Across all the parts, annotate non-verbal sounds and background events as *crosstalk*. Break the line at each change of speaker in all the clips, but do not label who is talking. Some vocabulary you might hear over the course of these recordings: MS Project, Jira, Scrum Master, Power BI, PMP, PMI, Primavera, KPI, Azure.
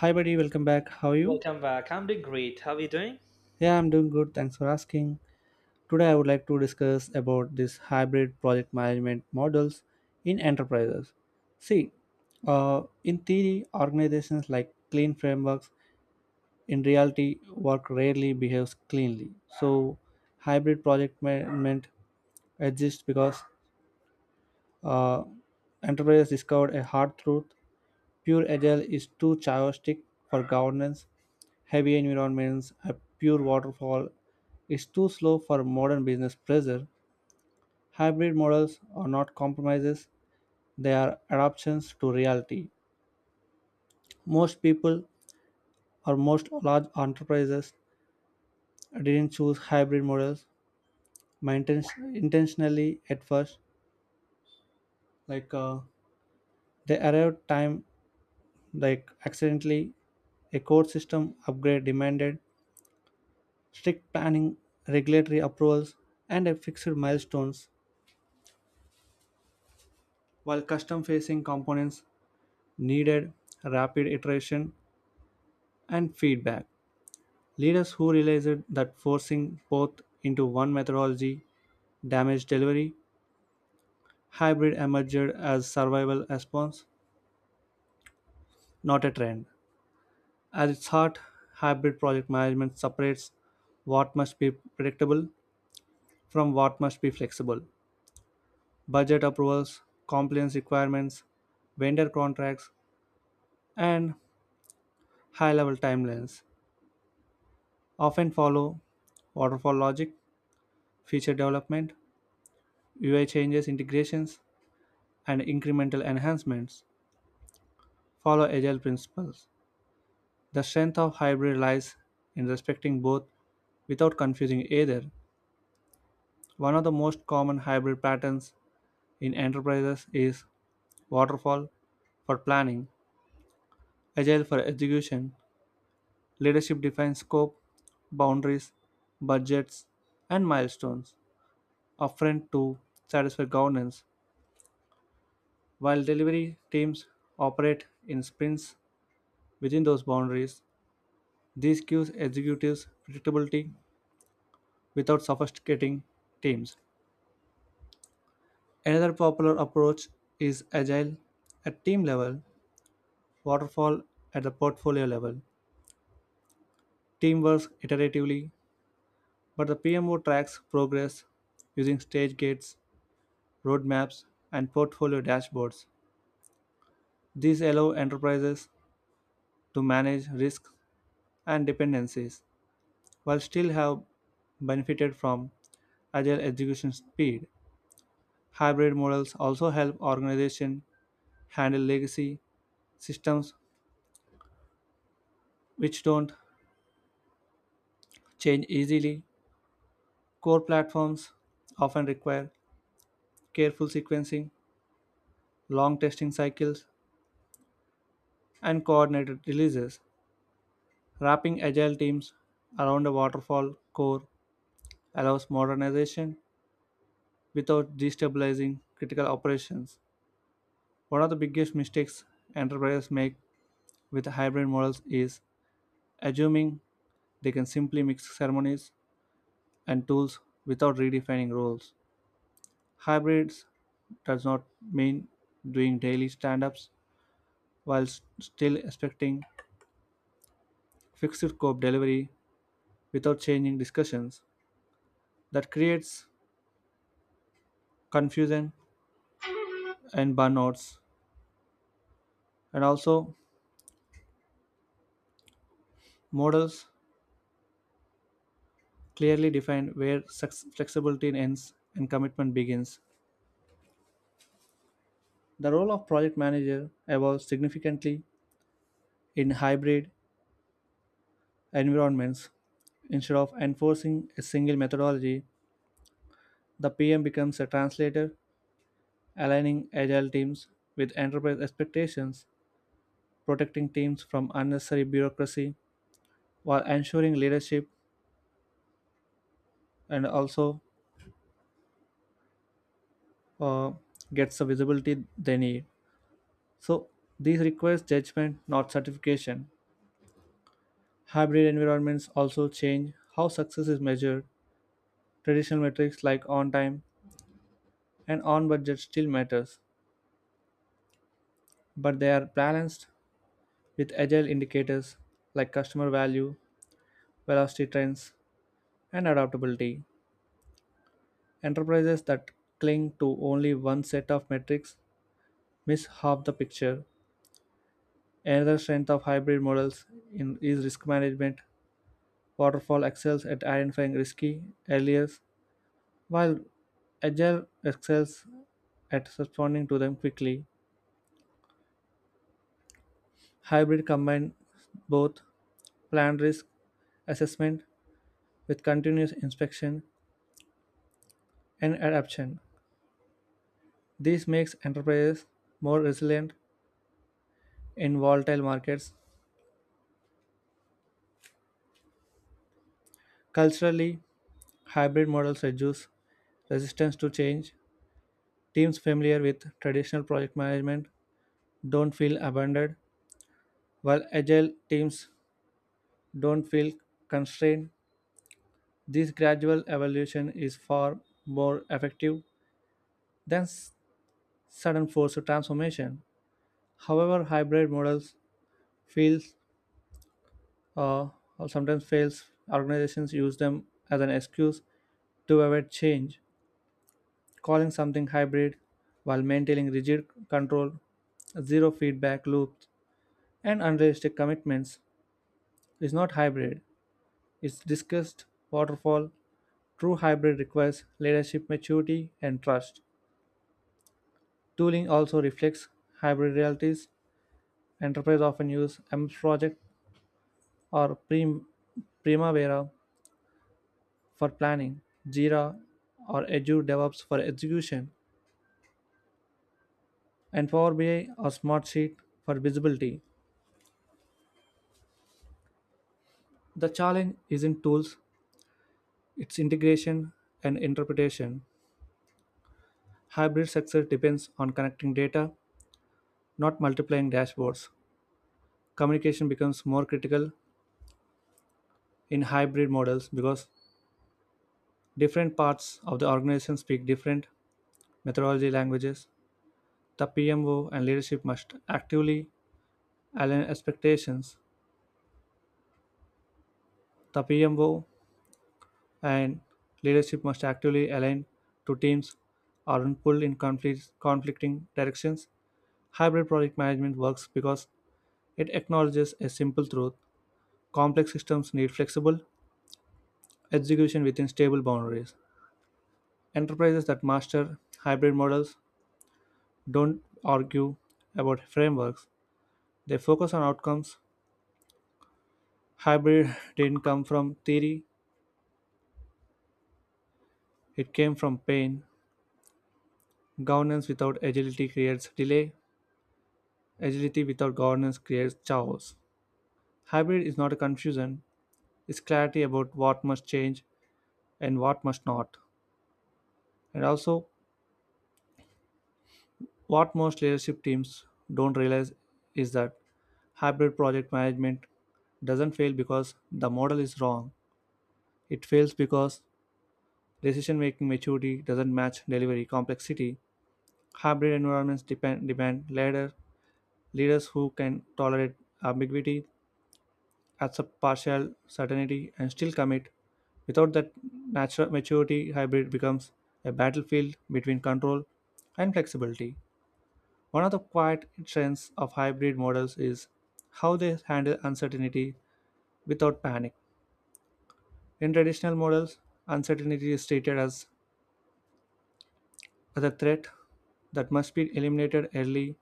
Hi, buddy. Welcome back. How are you?
Welcome back. I'm doing great. How are you doing?
Yeah, I'm doing good. Thanks for asking. Today, I would like to discuss about this hybrid project management models in enterprises. See, in theory, organizations like clean frameworks. In reality, work rarely behaves cleanly. So, hybrid project management exists because uh, enterprises discovered a hard truth: pure agile is too chaotic for governance heavy environments, a pure waterfall is too slow for modern business pressure. Hybrid models are not compromises, they are adaptations to reality. Most people or most large enterprises didn't choose hybrid models my intentionally at first. Like they arrived time like accidentally a core system upgrade demanded strict planning, regulatory approvals, and a fixed milestones, while custom facing components needed rapid iteration and feedback. Leaders who realized that forcing both into one methodology damaged delivery, hybrid emerged as survival response, not a trend. At its heart, hybrid project management separates what must be predictable from what must be flexible. Budget approvals, compliance requirements, vendor contracts, and high level timelines often follow waterfall logic, feature development, UI changes, integrations, and incremental enhancements follow agile principles. The strength of hybrid lies in respecting both without confusing either. One of the most common hybrid patterns in enterprises is waterfall for planning, agile for execution. Leadership defines scope, boundaries, budgets, and milestones upfront to satisfy governance, while delivery teams operate in sprints within those boundaries. This gives executives predictability without sophisticating teams. Another popular approach is agile at team level, waterfall at the portfolio level. Team works iteratively, but the PMO tracks progress using stage gates, roadmaps, and portfolio dashboards. These allow enterprises to manage risks and dependencies while still have benefited from agile execution speed. Hybrid models also help organizations handle legacy systems which don't change easily. Core platforms often require careful sequencing, long testing cycles, and coordinated releases. Wrapping agile teams around a waterfall core allows modernization without destabilizing critical operations. One of the biggest mistakes enterprises make with hybrid models is assuming they can simply mix ceremonies and tools without redefining roles. Hybrids does not mean doing daily stand ups while still expecting fixed scope delivery without changing discussions. That creates confusion and burnouts, and also models clearly define where flexibility ends and commitment begins. The role of project manager evolves significantly in hybrid environments. Instead of enforcing a single methodology, the PM becomes a translator aligning agile teams with enterprise expectations, protecting teams from unnecessary bureaucracy, while ensuring leadership and also uh, gets the visibility they need. So, these requires judgment, not certification. Hybrid environments also change how success is measured. Traditional metrics like on time and on budget still matters, but they are balanced with agile indicators like customer value, velocity trends, and adaptability. Enterprises that cling to only one set of metrics miss half the picture. Another strength of hybrid models is risk management. Waterfall excels at identifying risky areas, while Agile excels at responding to them quickly. Hybrid combines both planned risk assessment with continuous inspection and adaptation. This makes enterprises more resilient in volatile markets. Culturally, hybrid models reduce resistance to change. Teams familiar with traditional project management don't feel abandoned, while agile teams don't feel constrained. This gradual evolution is far more effective than sudden force of transformation. However, hybrid models fails uh, or sometimes fails. Organizations use them as an excuse to avoid change calling something hybrid while maintaining rigid control, zero feedback loops, and unrealistic commitments is not hybrid. It's discussed waterfall. True hybrid requires leadership maturity and trust. Tooling also reflects hybrid realities. Enterprise often use MS Project or Primavera for planning, Jira or Azure DevOps for execution, and Power BI or Smartsheet for visibility. The challenge isn't tools, its integration and interpretation. Hybrid success depends on connecting data, not multiplying dashboards. Communication becomes more critical in hybrid models because different parts of the organization speak different methodology languages. The PMO and leadership must actively align expectations. The PMO and leadership must actively align to teams aren't pulled in conflicting directions. Hybrid project management works because it acknowledges a simple truth: complex systems need flexible execution within stable boundaries. Enterprises that master hybrid models don't argue about frameworks, they focus on outcomes. Hybrid *laughs* didn't come from theory, it came from pain. Governance without agility creates delay, agility without governance creates chaos. Hybrid is not a confusion, it's clarity about what must change and what must not. And also, what most leadership teams don't realize is that hybrid project management doesn't fail because the model is wrong. It fails because decision making maturity doesn't match delivery complexity. Hybrid environments demand leaders who can tolerate ambiguity, accept partial certainty, and still commit. Without that natural maturity, hybrid becomes a battlefield between control and flexibility. One of the quiet strengths of hybrid models is how they handle uncertainty without panic. In traditional models, uncertainty is treated as a threat that must be eliminated early.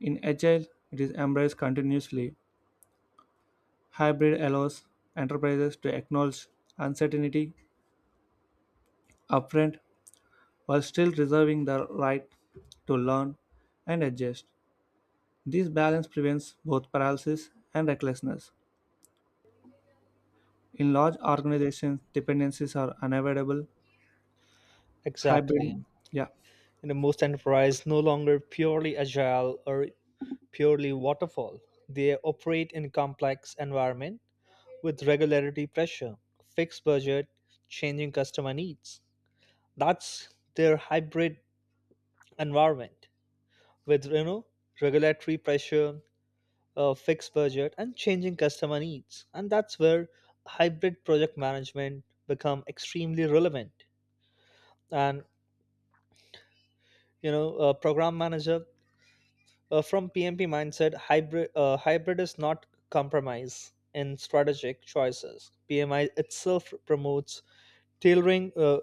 In agile, it is embraced continuously. Hybrid allows enterprises to acknowledge uncertainty upfront while still reserving the right to learn and adjust. This balance prevents both paralysis and recklessness. In large organizations, dependencies are unavoidable.
Exactly.
Hybrid, yeah,
Most enterprise no longer purely agile or purely waterfall. They operate in complex environment with regularity pressure, fixed budget, changing customer needs. That's their hybrid environment with regulatory pressure, fixed budget, and changing customer needs. And that's where hybrid project management become extremely relevant. And a program manager, from PMP mindset, hybrid is not compromise in strategic choices. PMI itself promotes tailoring,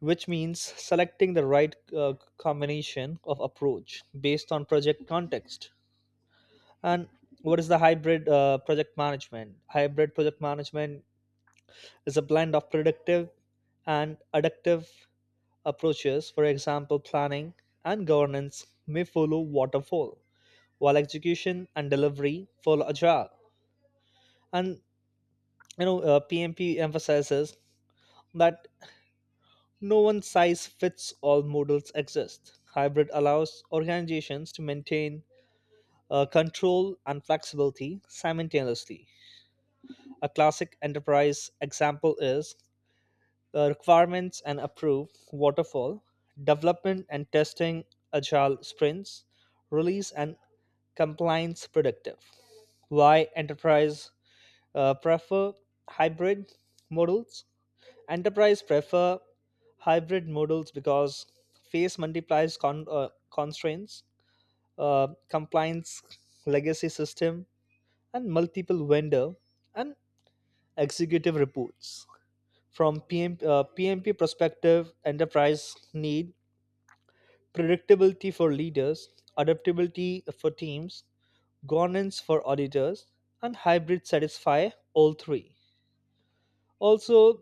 which means selecting the right uh, combination of approach based on project context. And what is the hybrid project management? Hybrid project management is a blend of predictive and adaptive approaches. For example, planning and governance may follow waterfall while execution and delivery follow agile. And PMP emphasizes that no one size fits all models exist. Hybrid allows organizations to maintain control and flexibility simultaneously. A classic enterprise example is requirements and approve waterfall, development and testing agile sprints, release and compliance predictive. Why enterprise prefer hybrid models? Enterprise prefer hybrid models because face multiplies constraints, compliance, legacy system, and multiple vendor and executive reports. From PMP perspective, enterprise need predictability for leaders, adaptability for teams, governance for auditors, and hybrid satisfy all three. Also,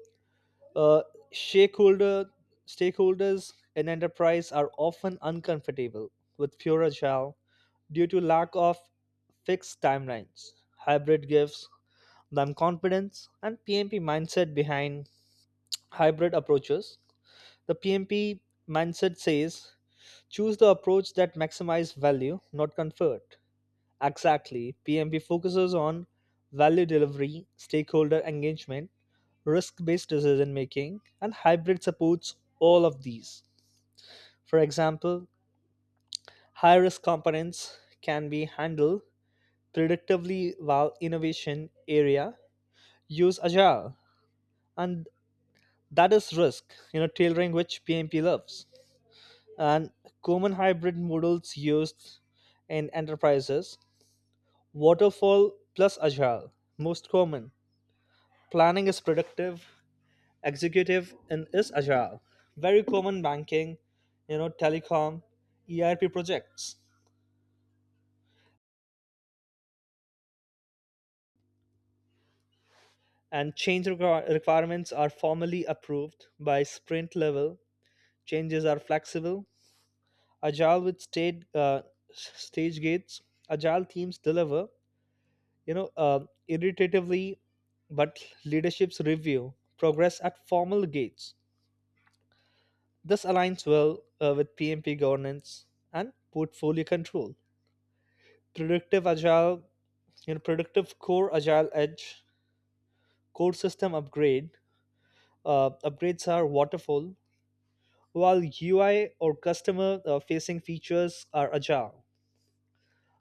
Uh, shareholder, stakeholders in enterprise are often uncomfortable with pure agile due to lack of fixed timelines. Hybrid gives them confidence, and PMP mindset behind hybrid approaches. The PMP mindset says choose the approach that maximizes value, not comfort. Exactly, PMP focuses on value delivery, stakeholder engagement, risk based decision making, and hybrid supports all of these. For example, high risk components can be handled predictively while innovation area use agile, and that is risk tailoring which PMP loves. And common hybrid models used in enterprises: waterfall plus agile, most common, planning is predictive, executive in is agile. Very common banking, telecom, ERP projects. And requirements are formally approved by sprint level, changes are flexible. Agile with stage gates, agile teams deliver you know uh, iteratively, but leadership's review progress at formal gates. This aligns well with PMP governance and portfolio control. Predictive agile, productive core, agile edge. Core system upgrades are waterfall, while UI or customer facing features are agile.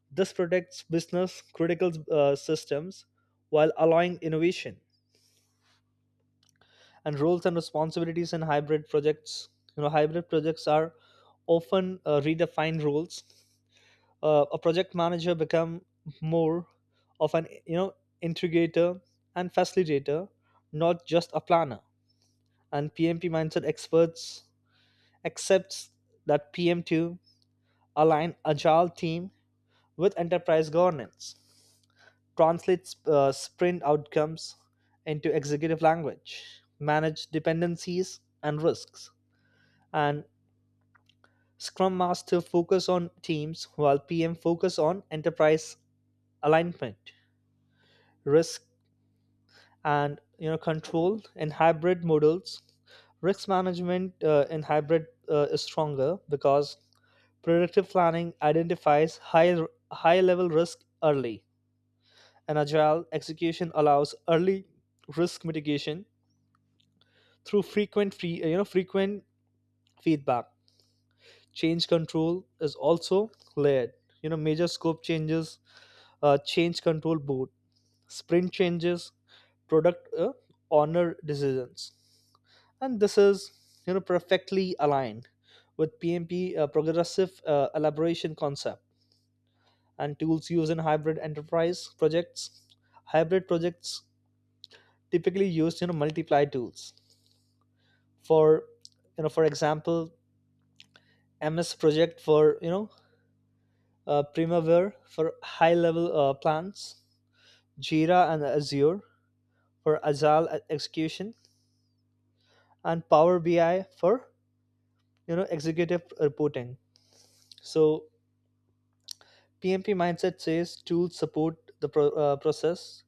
This protects business critical systems while allowing innovation. And roles and responsibilities in hybrid projects, hybrid projects are often redefined roles. A project manager become more of an integrator and facilitator, not just a planner. And PMP mindset experts accepts that PM2 align agile team with enterprise governance, translates sprint outcomes into executive language, manage dependencies and risks. And Scrum Master focus on teams while PM focus on enterprise alignment, risk and control in hybrid models. Risk management in hybrid is stronger because predictive planning identifies high level risk early, and agile execution allows early risk mitigation through frequent free, you know, frequent feedback. Change control is also layered. Major scope changes, change control board, sprint changes, product honor decisions, and this is perfectly aligned with PMP progressive elaboration concept. And tools used in hybrid enterprise projects. Hybrid projects typically use multiply tools. For for example, MS Project for Primavera for high level plans, Jira and Azure for agile execution, and Power BI for executive reporting. So PMP mindset says tools support the process,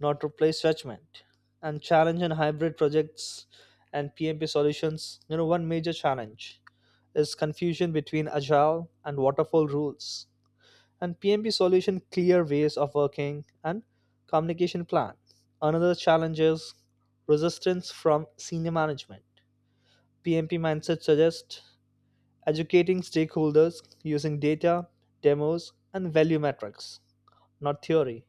not replace judgment. And challenge and hybrid projects and PMP solutions, one major challenge is confusion between agile and waterfall rules. And PMP solution clear ways of working and communication plan. Another challenge is resistance from senior management. PMP mindset suggests educating stakeholders using data, demos, and value metrics, not theory.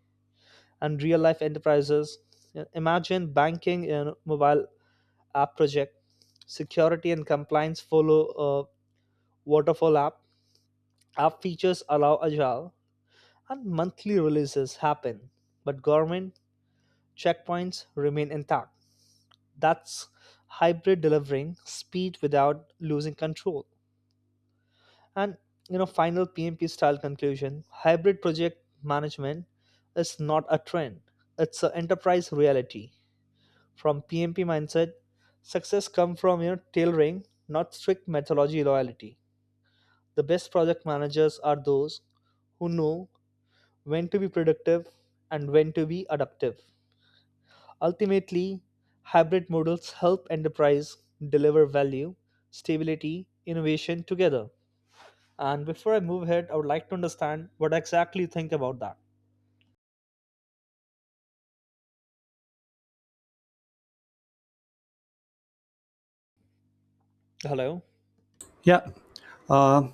And real life enterprises, imagine banking in mobile app project, security and compliance follow a waterfall app. App features allow agile and monthly releases happen, but government checkpoints remain intact. That's hybrid delivering speed without losing control. And final PMP style conclusion: hybrid project management is not a trend, it's an enterprise reality. From PMP mindset, success comes from your tailoring, not strict methodology loyalty. The best project managers are those who know when to be productive and when to be adaptive. Ultimately, hybrid models help enterprise deliver value, stability, innovation together. And before I move ahead, I would like to understand what exactly you think about that. Hello.
yeah. Uh,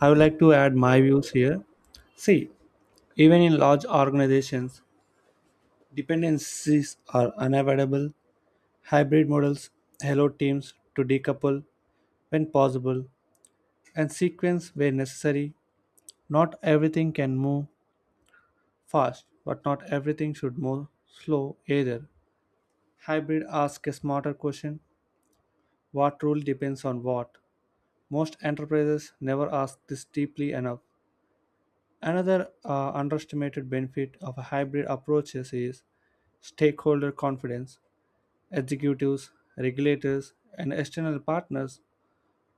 I would like to add my views here. See, even in large organizations, dependencies are unavoidable. Hybrid models allow teams to decouple when possible and sequence where necessary. Not everything can move fast, but not everything should move slow either. Hybrid asks a smarter question: what rule depends on what? Most enterprises never ask this deeply enough. Another underestimated benefit of a hybrid approaches is stakeholder confidence. Executives, regulators, and external partners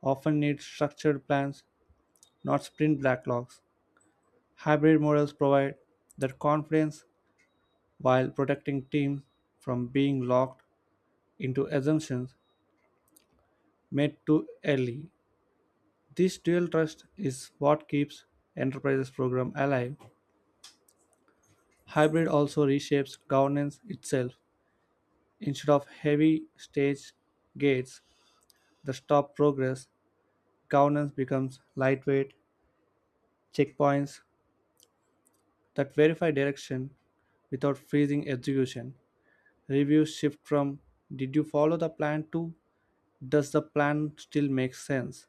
often need structured plans, not sprint backlogs. Hybrid models provide that confidence while protecting teams from being locked into assumptions made too early. This dual trust is what keeps enterprises program alive. Hybrid also reshapes governance itself. Instead of heavy stage gates that stop progress, governance becomes lightweight checkpoints that verify direction without freezing execution. Reviews shift from did you follow the plan to does the plan still make sense?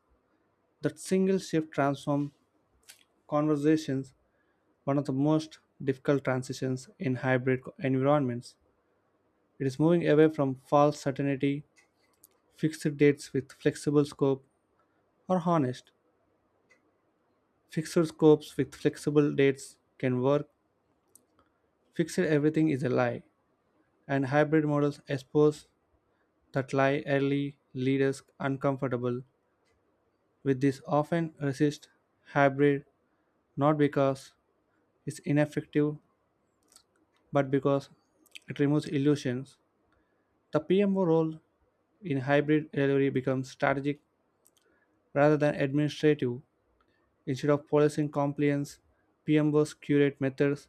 That single shift transforms conversations, one of the most difficult transitions in hybrid environments. It is moving away from false certainty: fixed dates with flexible scope are honest. Fixed scopes with flexible dates can work. Fixed everything is a lie. And hybrid models expose that lie early, leaders uncomfortable with this often resist hybrid not because it's ineffective but because it removes illusions. The PMO role in hybrid delivery becomes strategic rather than administrative. Instead of policing compliance, PMOs curate methods,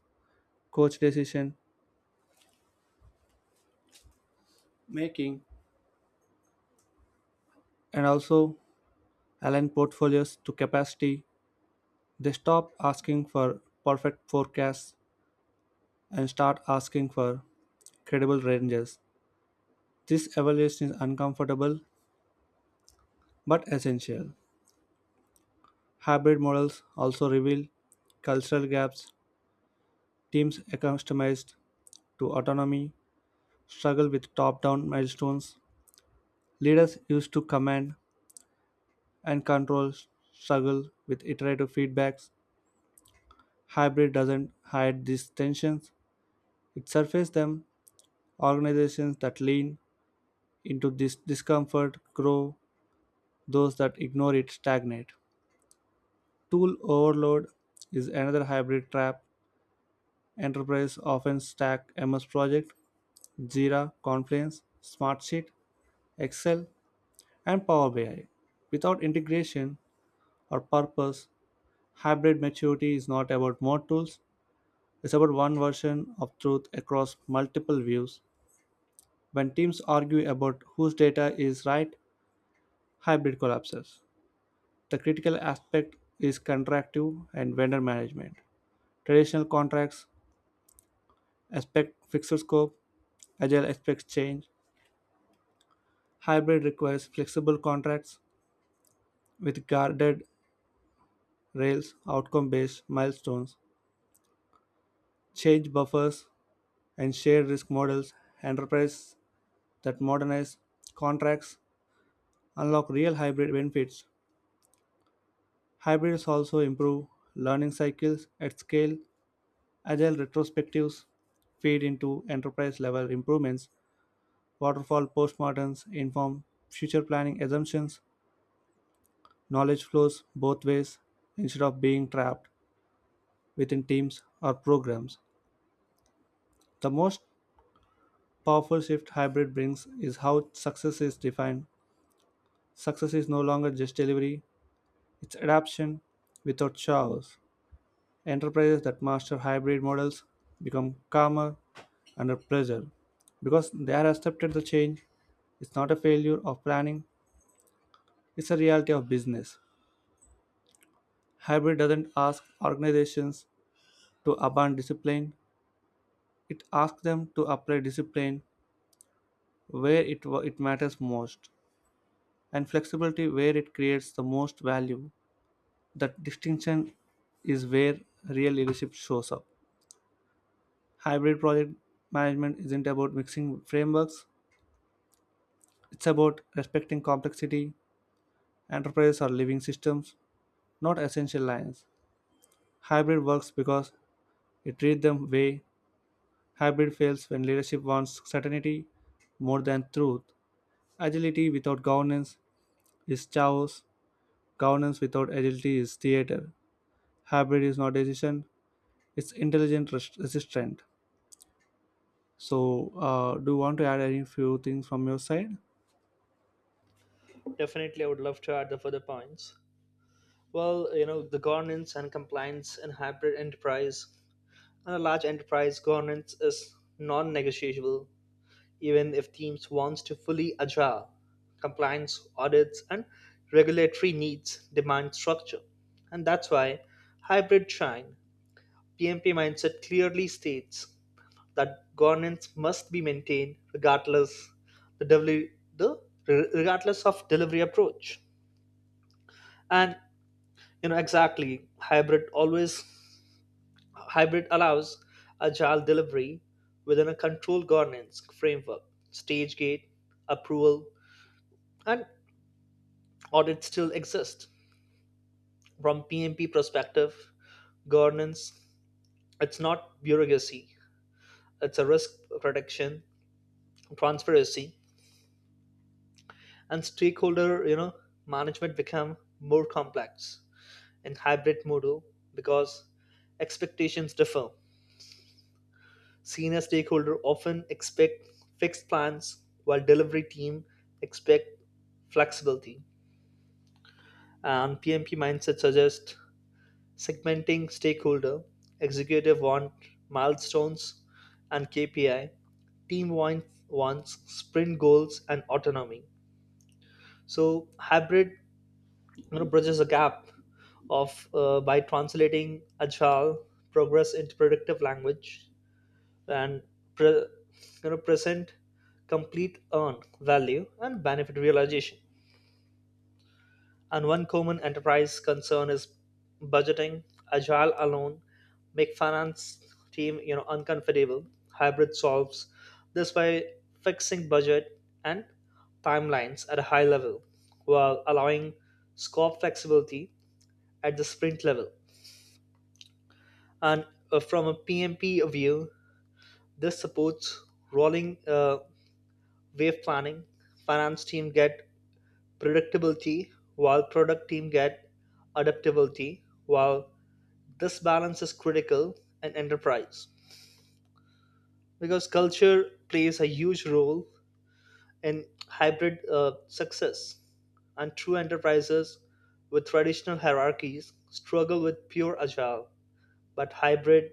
coach decision making, and also align portfolios to capacity. They stop asking for perfect forecasts and start asking for credible ranges. This evaluation is uncomfortable but essential. Hybrid models also reveal cultural gaps. Teams accustomed to autonomy struggle with top down milestones. Leaders used to command and control struggle with iterative feedbacks. Hybrid doesn't hide these tensions, it surfaces them. Organizations that lean into this discomfort grow, those that ignore it stagnate. Tool overload is another hybrid trap. Enterprise often stack MS Project, Jira, Confluence, Smartsheet, Excel, and Power BI. Without integration or purpose, hybrid maturity is not about more tools, it's about one version of truth across multiple views. When teams argue about whose data is right, hybrid collapses. The critical aspect is contractive and vendor management. Traditional contracts expect fixed scope, agile expects change. Hybrid requires flexible contracts with guarded rails, outcome based milestones, change buffers, and shared risk models. Enterprises that modernize contracts unlock real hybrid benefits. Hybrids also improve learning cycles at scale. Agile retrospectives feed into enterprise level improvements. Waterfall postmoderns inform future planning assumptions. Knowledge flows both ways instead of being trapped within teams or programs. The most powerful shift hybrid brings is how success is defined. Success is no longer just delivery, it's adaptation without chaos. Enterprises that master hybrid models become calmer under pressure because they are accepted the change. It's not a failure of planning, it's a reality of business. Hybrid doesn't ask organizations to abandon discipline, it asks them to apply discipline where it matters most and flexibility where it creates the most value. That distinction is where real leadership shows up. Hybrid project management isn't about mixing frameworks, it's about respecting complexity. Enterprises are living systems, not essential lines. Hybrid works because you treat them way. Hybrid fails when leadership wants certainty more than truth. Agility without governance is chaos. Governance without agility is theater. Hybrid is not decision, it's intelligent resistance. So, do you want to add any few things from your side?
Definitely, I would love to add the further points. Well, the governance and compliance in hybrid enterprise, and a large enterprise governance is non-negotiable even if teams wants to fully agile. Compliance audits and regulatory needs demand structure, and that's why hybrid shine. PMP mindset clearly states that governance must be maintained regardless the delivery the regardless of delivery approach. And exactly, Hybrid allows agile delivery within a controlled governance framework. Stage gate, approval, and audit still exist. From PMP perspective, governance, it's not bureaucracy, it's a risk protection, transparency, and stakeholder management become more complex in hybrid model because expectations differ. Senior stakeholder often expect fixed plans, while delivery team expect flexibility. And PMP mindset suggests segmenting stakeholder. Executive want milestones and KPI. Team wants sprint goals and autonomy. So hybrid bridges a gap of by translating agile progress into productive language, and pre- present complete earn value and benefit realization. And one common enterprise concern is budgeting. Agile alone make finance team uncomfortable. Hybrid solves this by fixing budget and timelines at a high level while allowing scope flexibility at the sprint level. And from a PMP view, this supports rolling wave planning. Finance team get predictability while product team get adaptability, while this balance is critical in enterprise because culture plays a huge role in hybrid success. And true enterprises with traditional hierarchies struggle with pure agile, but hybrid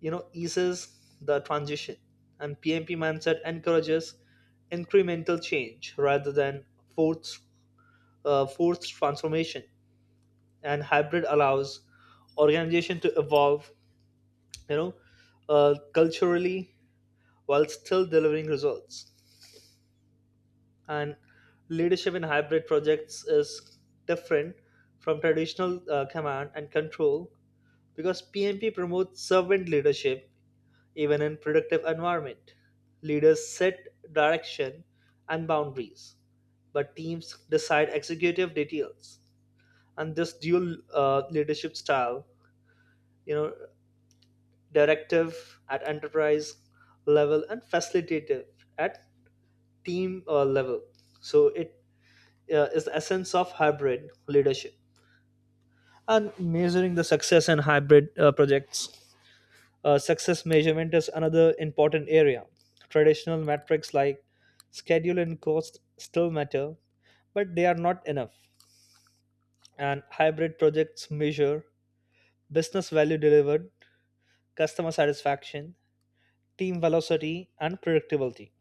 eases the transition. And PMP mindset encourages incremental change rather than forced forced transformation. And hybrid allows organization to evolve you know culturally while still delivering results. And leadership in hybrid projects is different from traditional command and control, because PMP promotes servant leadership even in productive environment. Leaders set direction and boundaries, but teams decide executive details. And this dual leadership style, you know directive at enterprise level and facilitative at team level. So it is the essence of hybrid leadership. And measuring the success in hybrid projects, success measurement is another important area. Traditional metrics like schedule and cost still matter, but they are not enough. And hybrid projects measure business value delivered, customer satisfaction, team velocity, and predictability.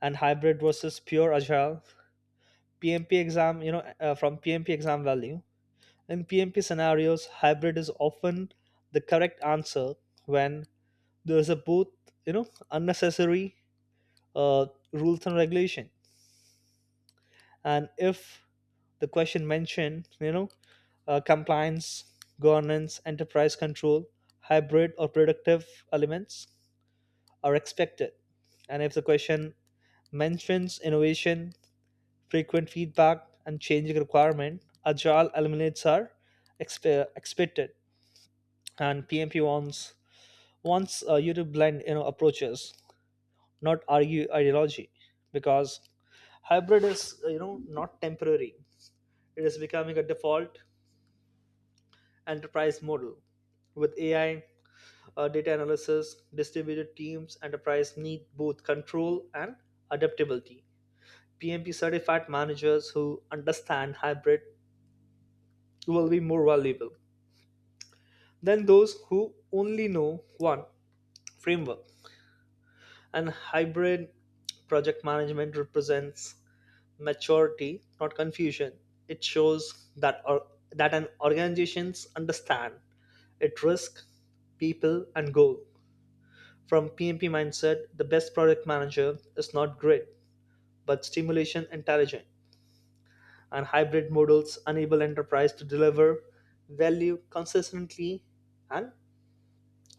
And hybrid versus pure agile, pmp exam you know from PMP exam value, in PMP scenarios hybrid is often the correct answer when there is a both unnecessary uh, rules and regulation. And if the question mentioned compliance, governance, enterprise control, hybrid or predictive elements are expected. And if the question mentions innovation, frequent feedback, and changing requirement, agile eliminates are expected. And PMP wants wants you to blend approaches, not argue ideology, because hybrid is not temporary. It is becoming a default enterprise model with AI, data analysis, distributed teams. Enterprise need both control and adaptability. PMP certified managers who understand hybrid will be more valuable than those who only know one framework. And hybrid project management represents maturity, not confusion. It shows that an organizations understand its risk, people, and goal. From PMP mindset, the best product manager is not great, but stimulation intelligent. And hybrid models enable enterprise to deliver value consistently and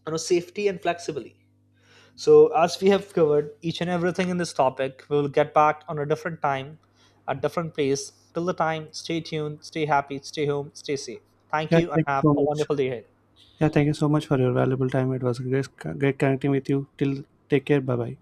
safety and flexibly. So, as we have covered each and everything in this topic, we will get back on a different time, a different place. Till the time, stay tuned, stay happy, stay home, stay safe. Thank
Yeah,
you, and
thank you
have
so
a
much.
wonderful day ahead.
Yeah, thank you so much for your valuable time. It was great, great connecting with you. Till take care. Bye bye.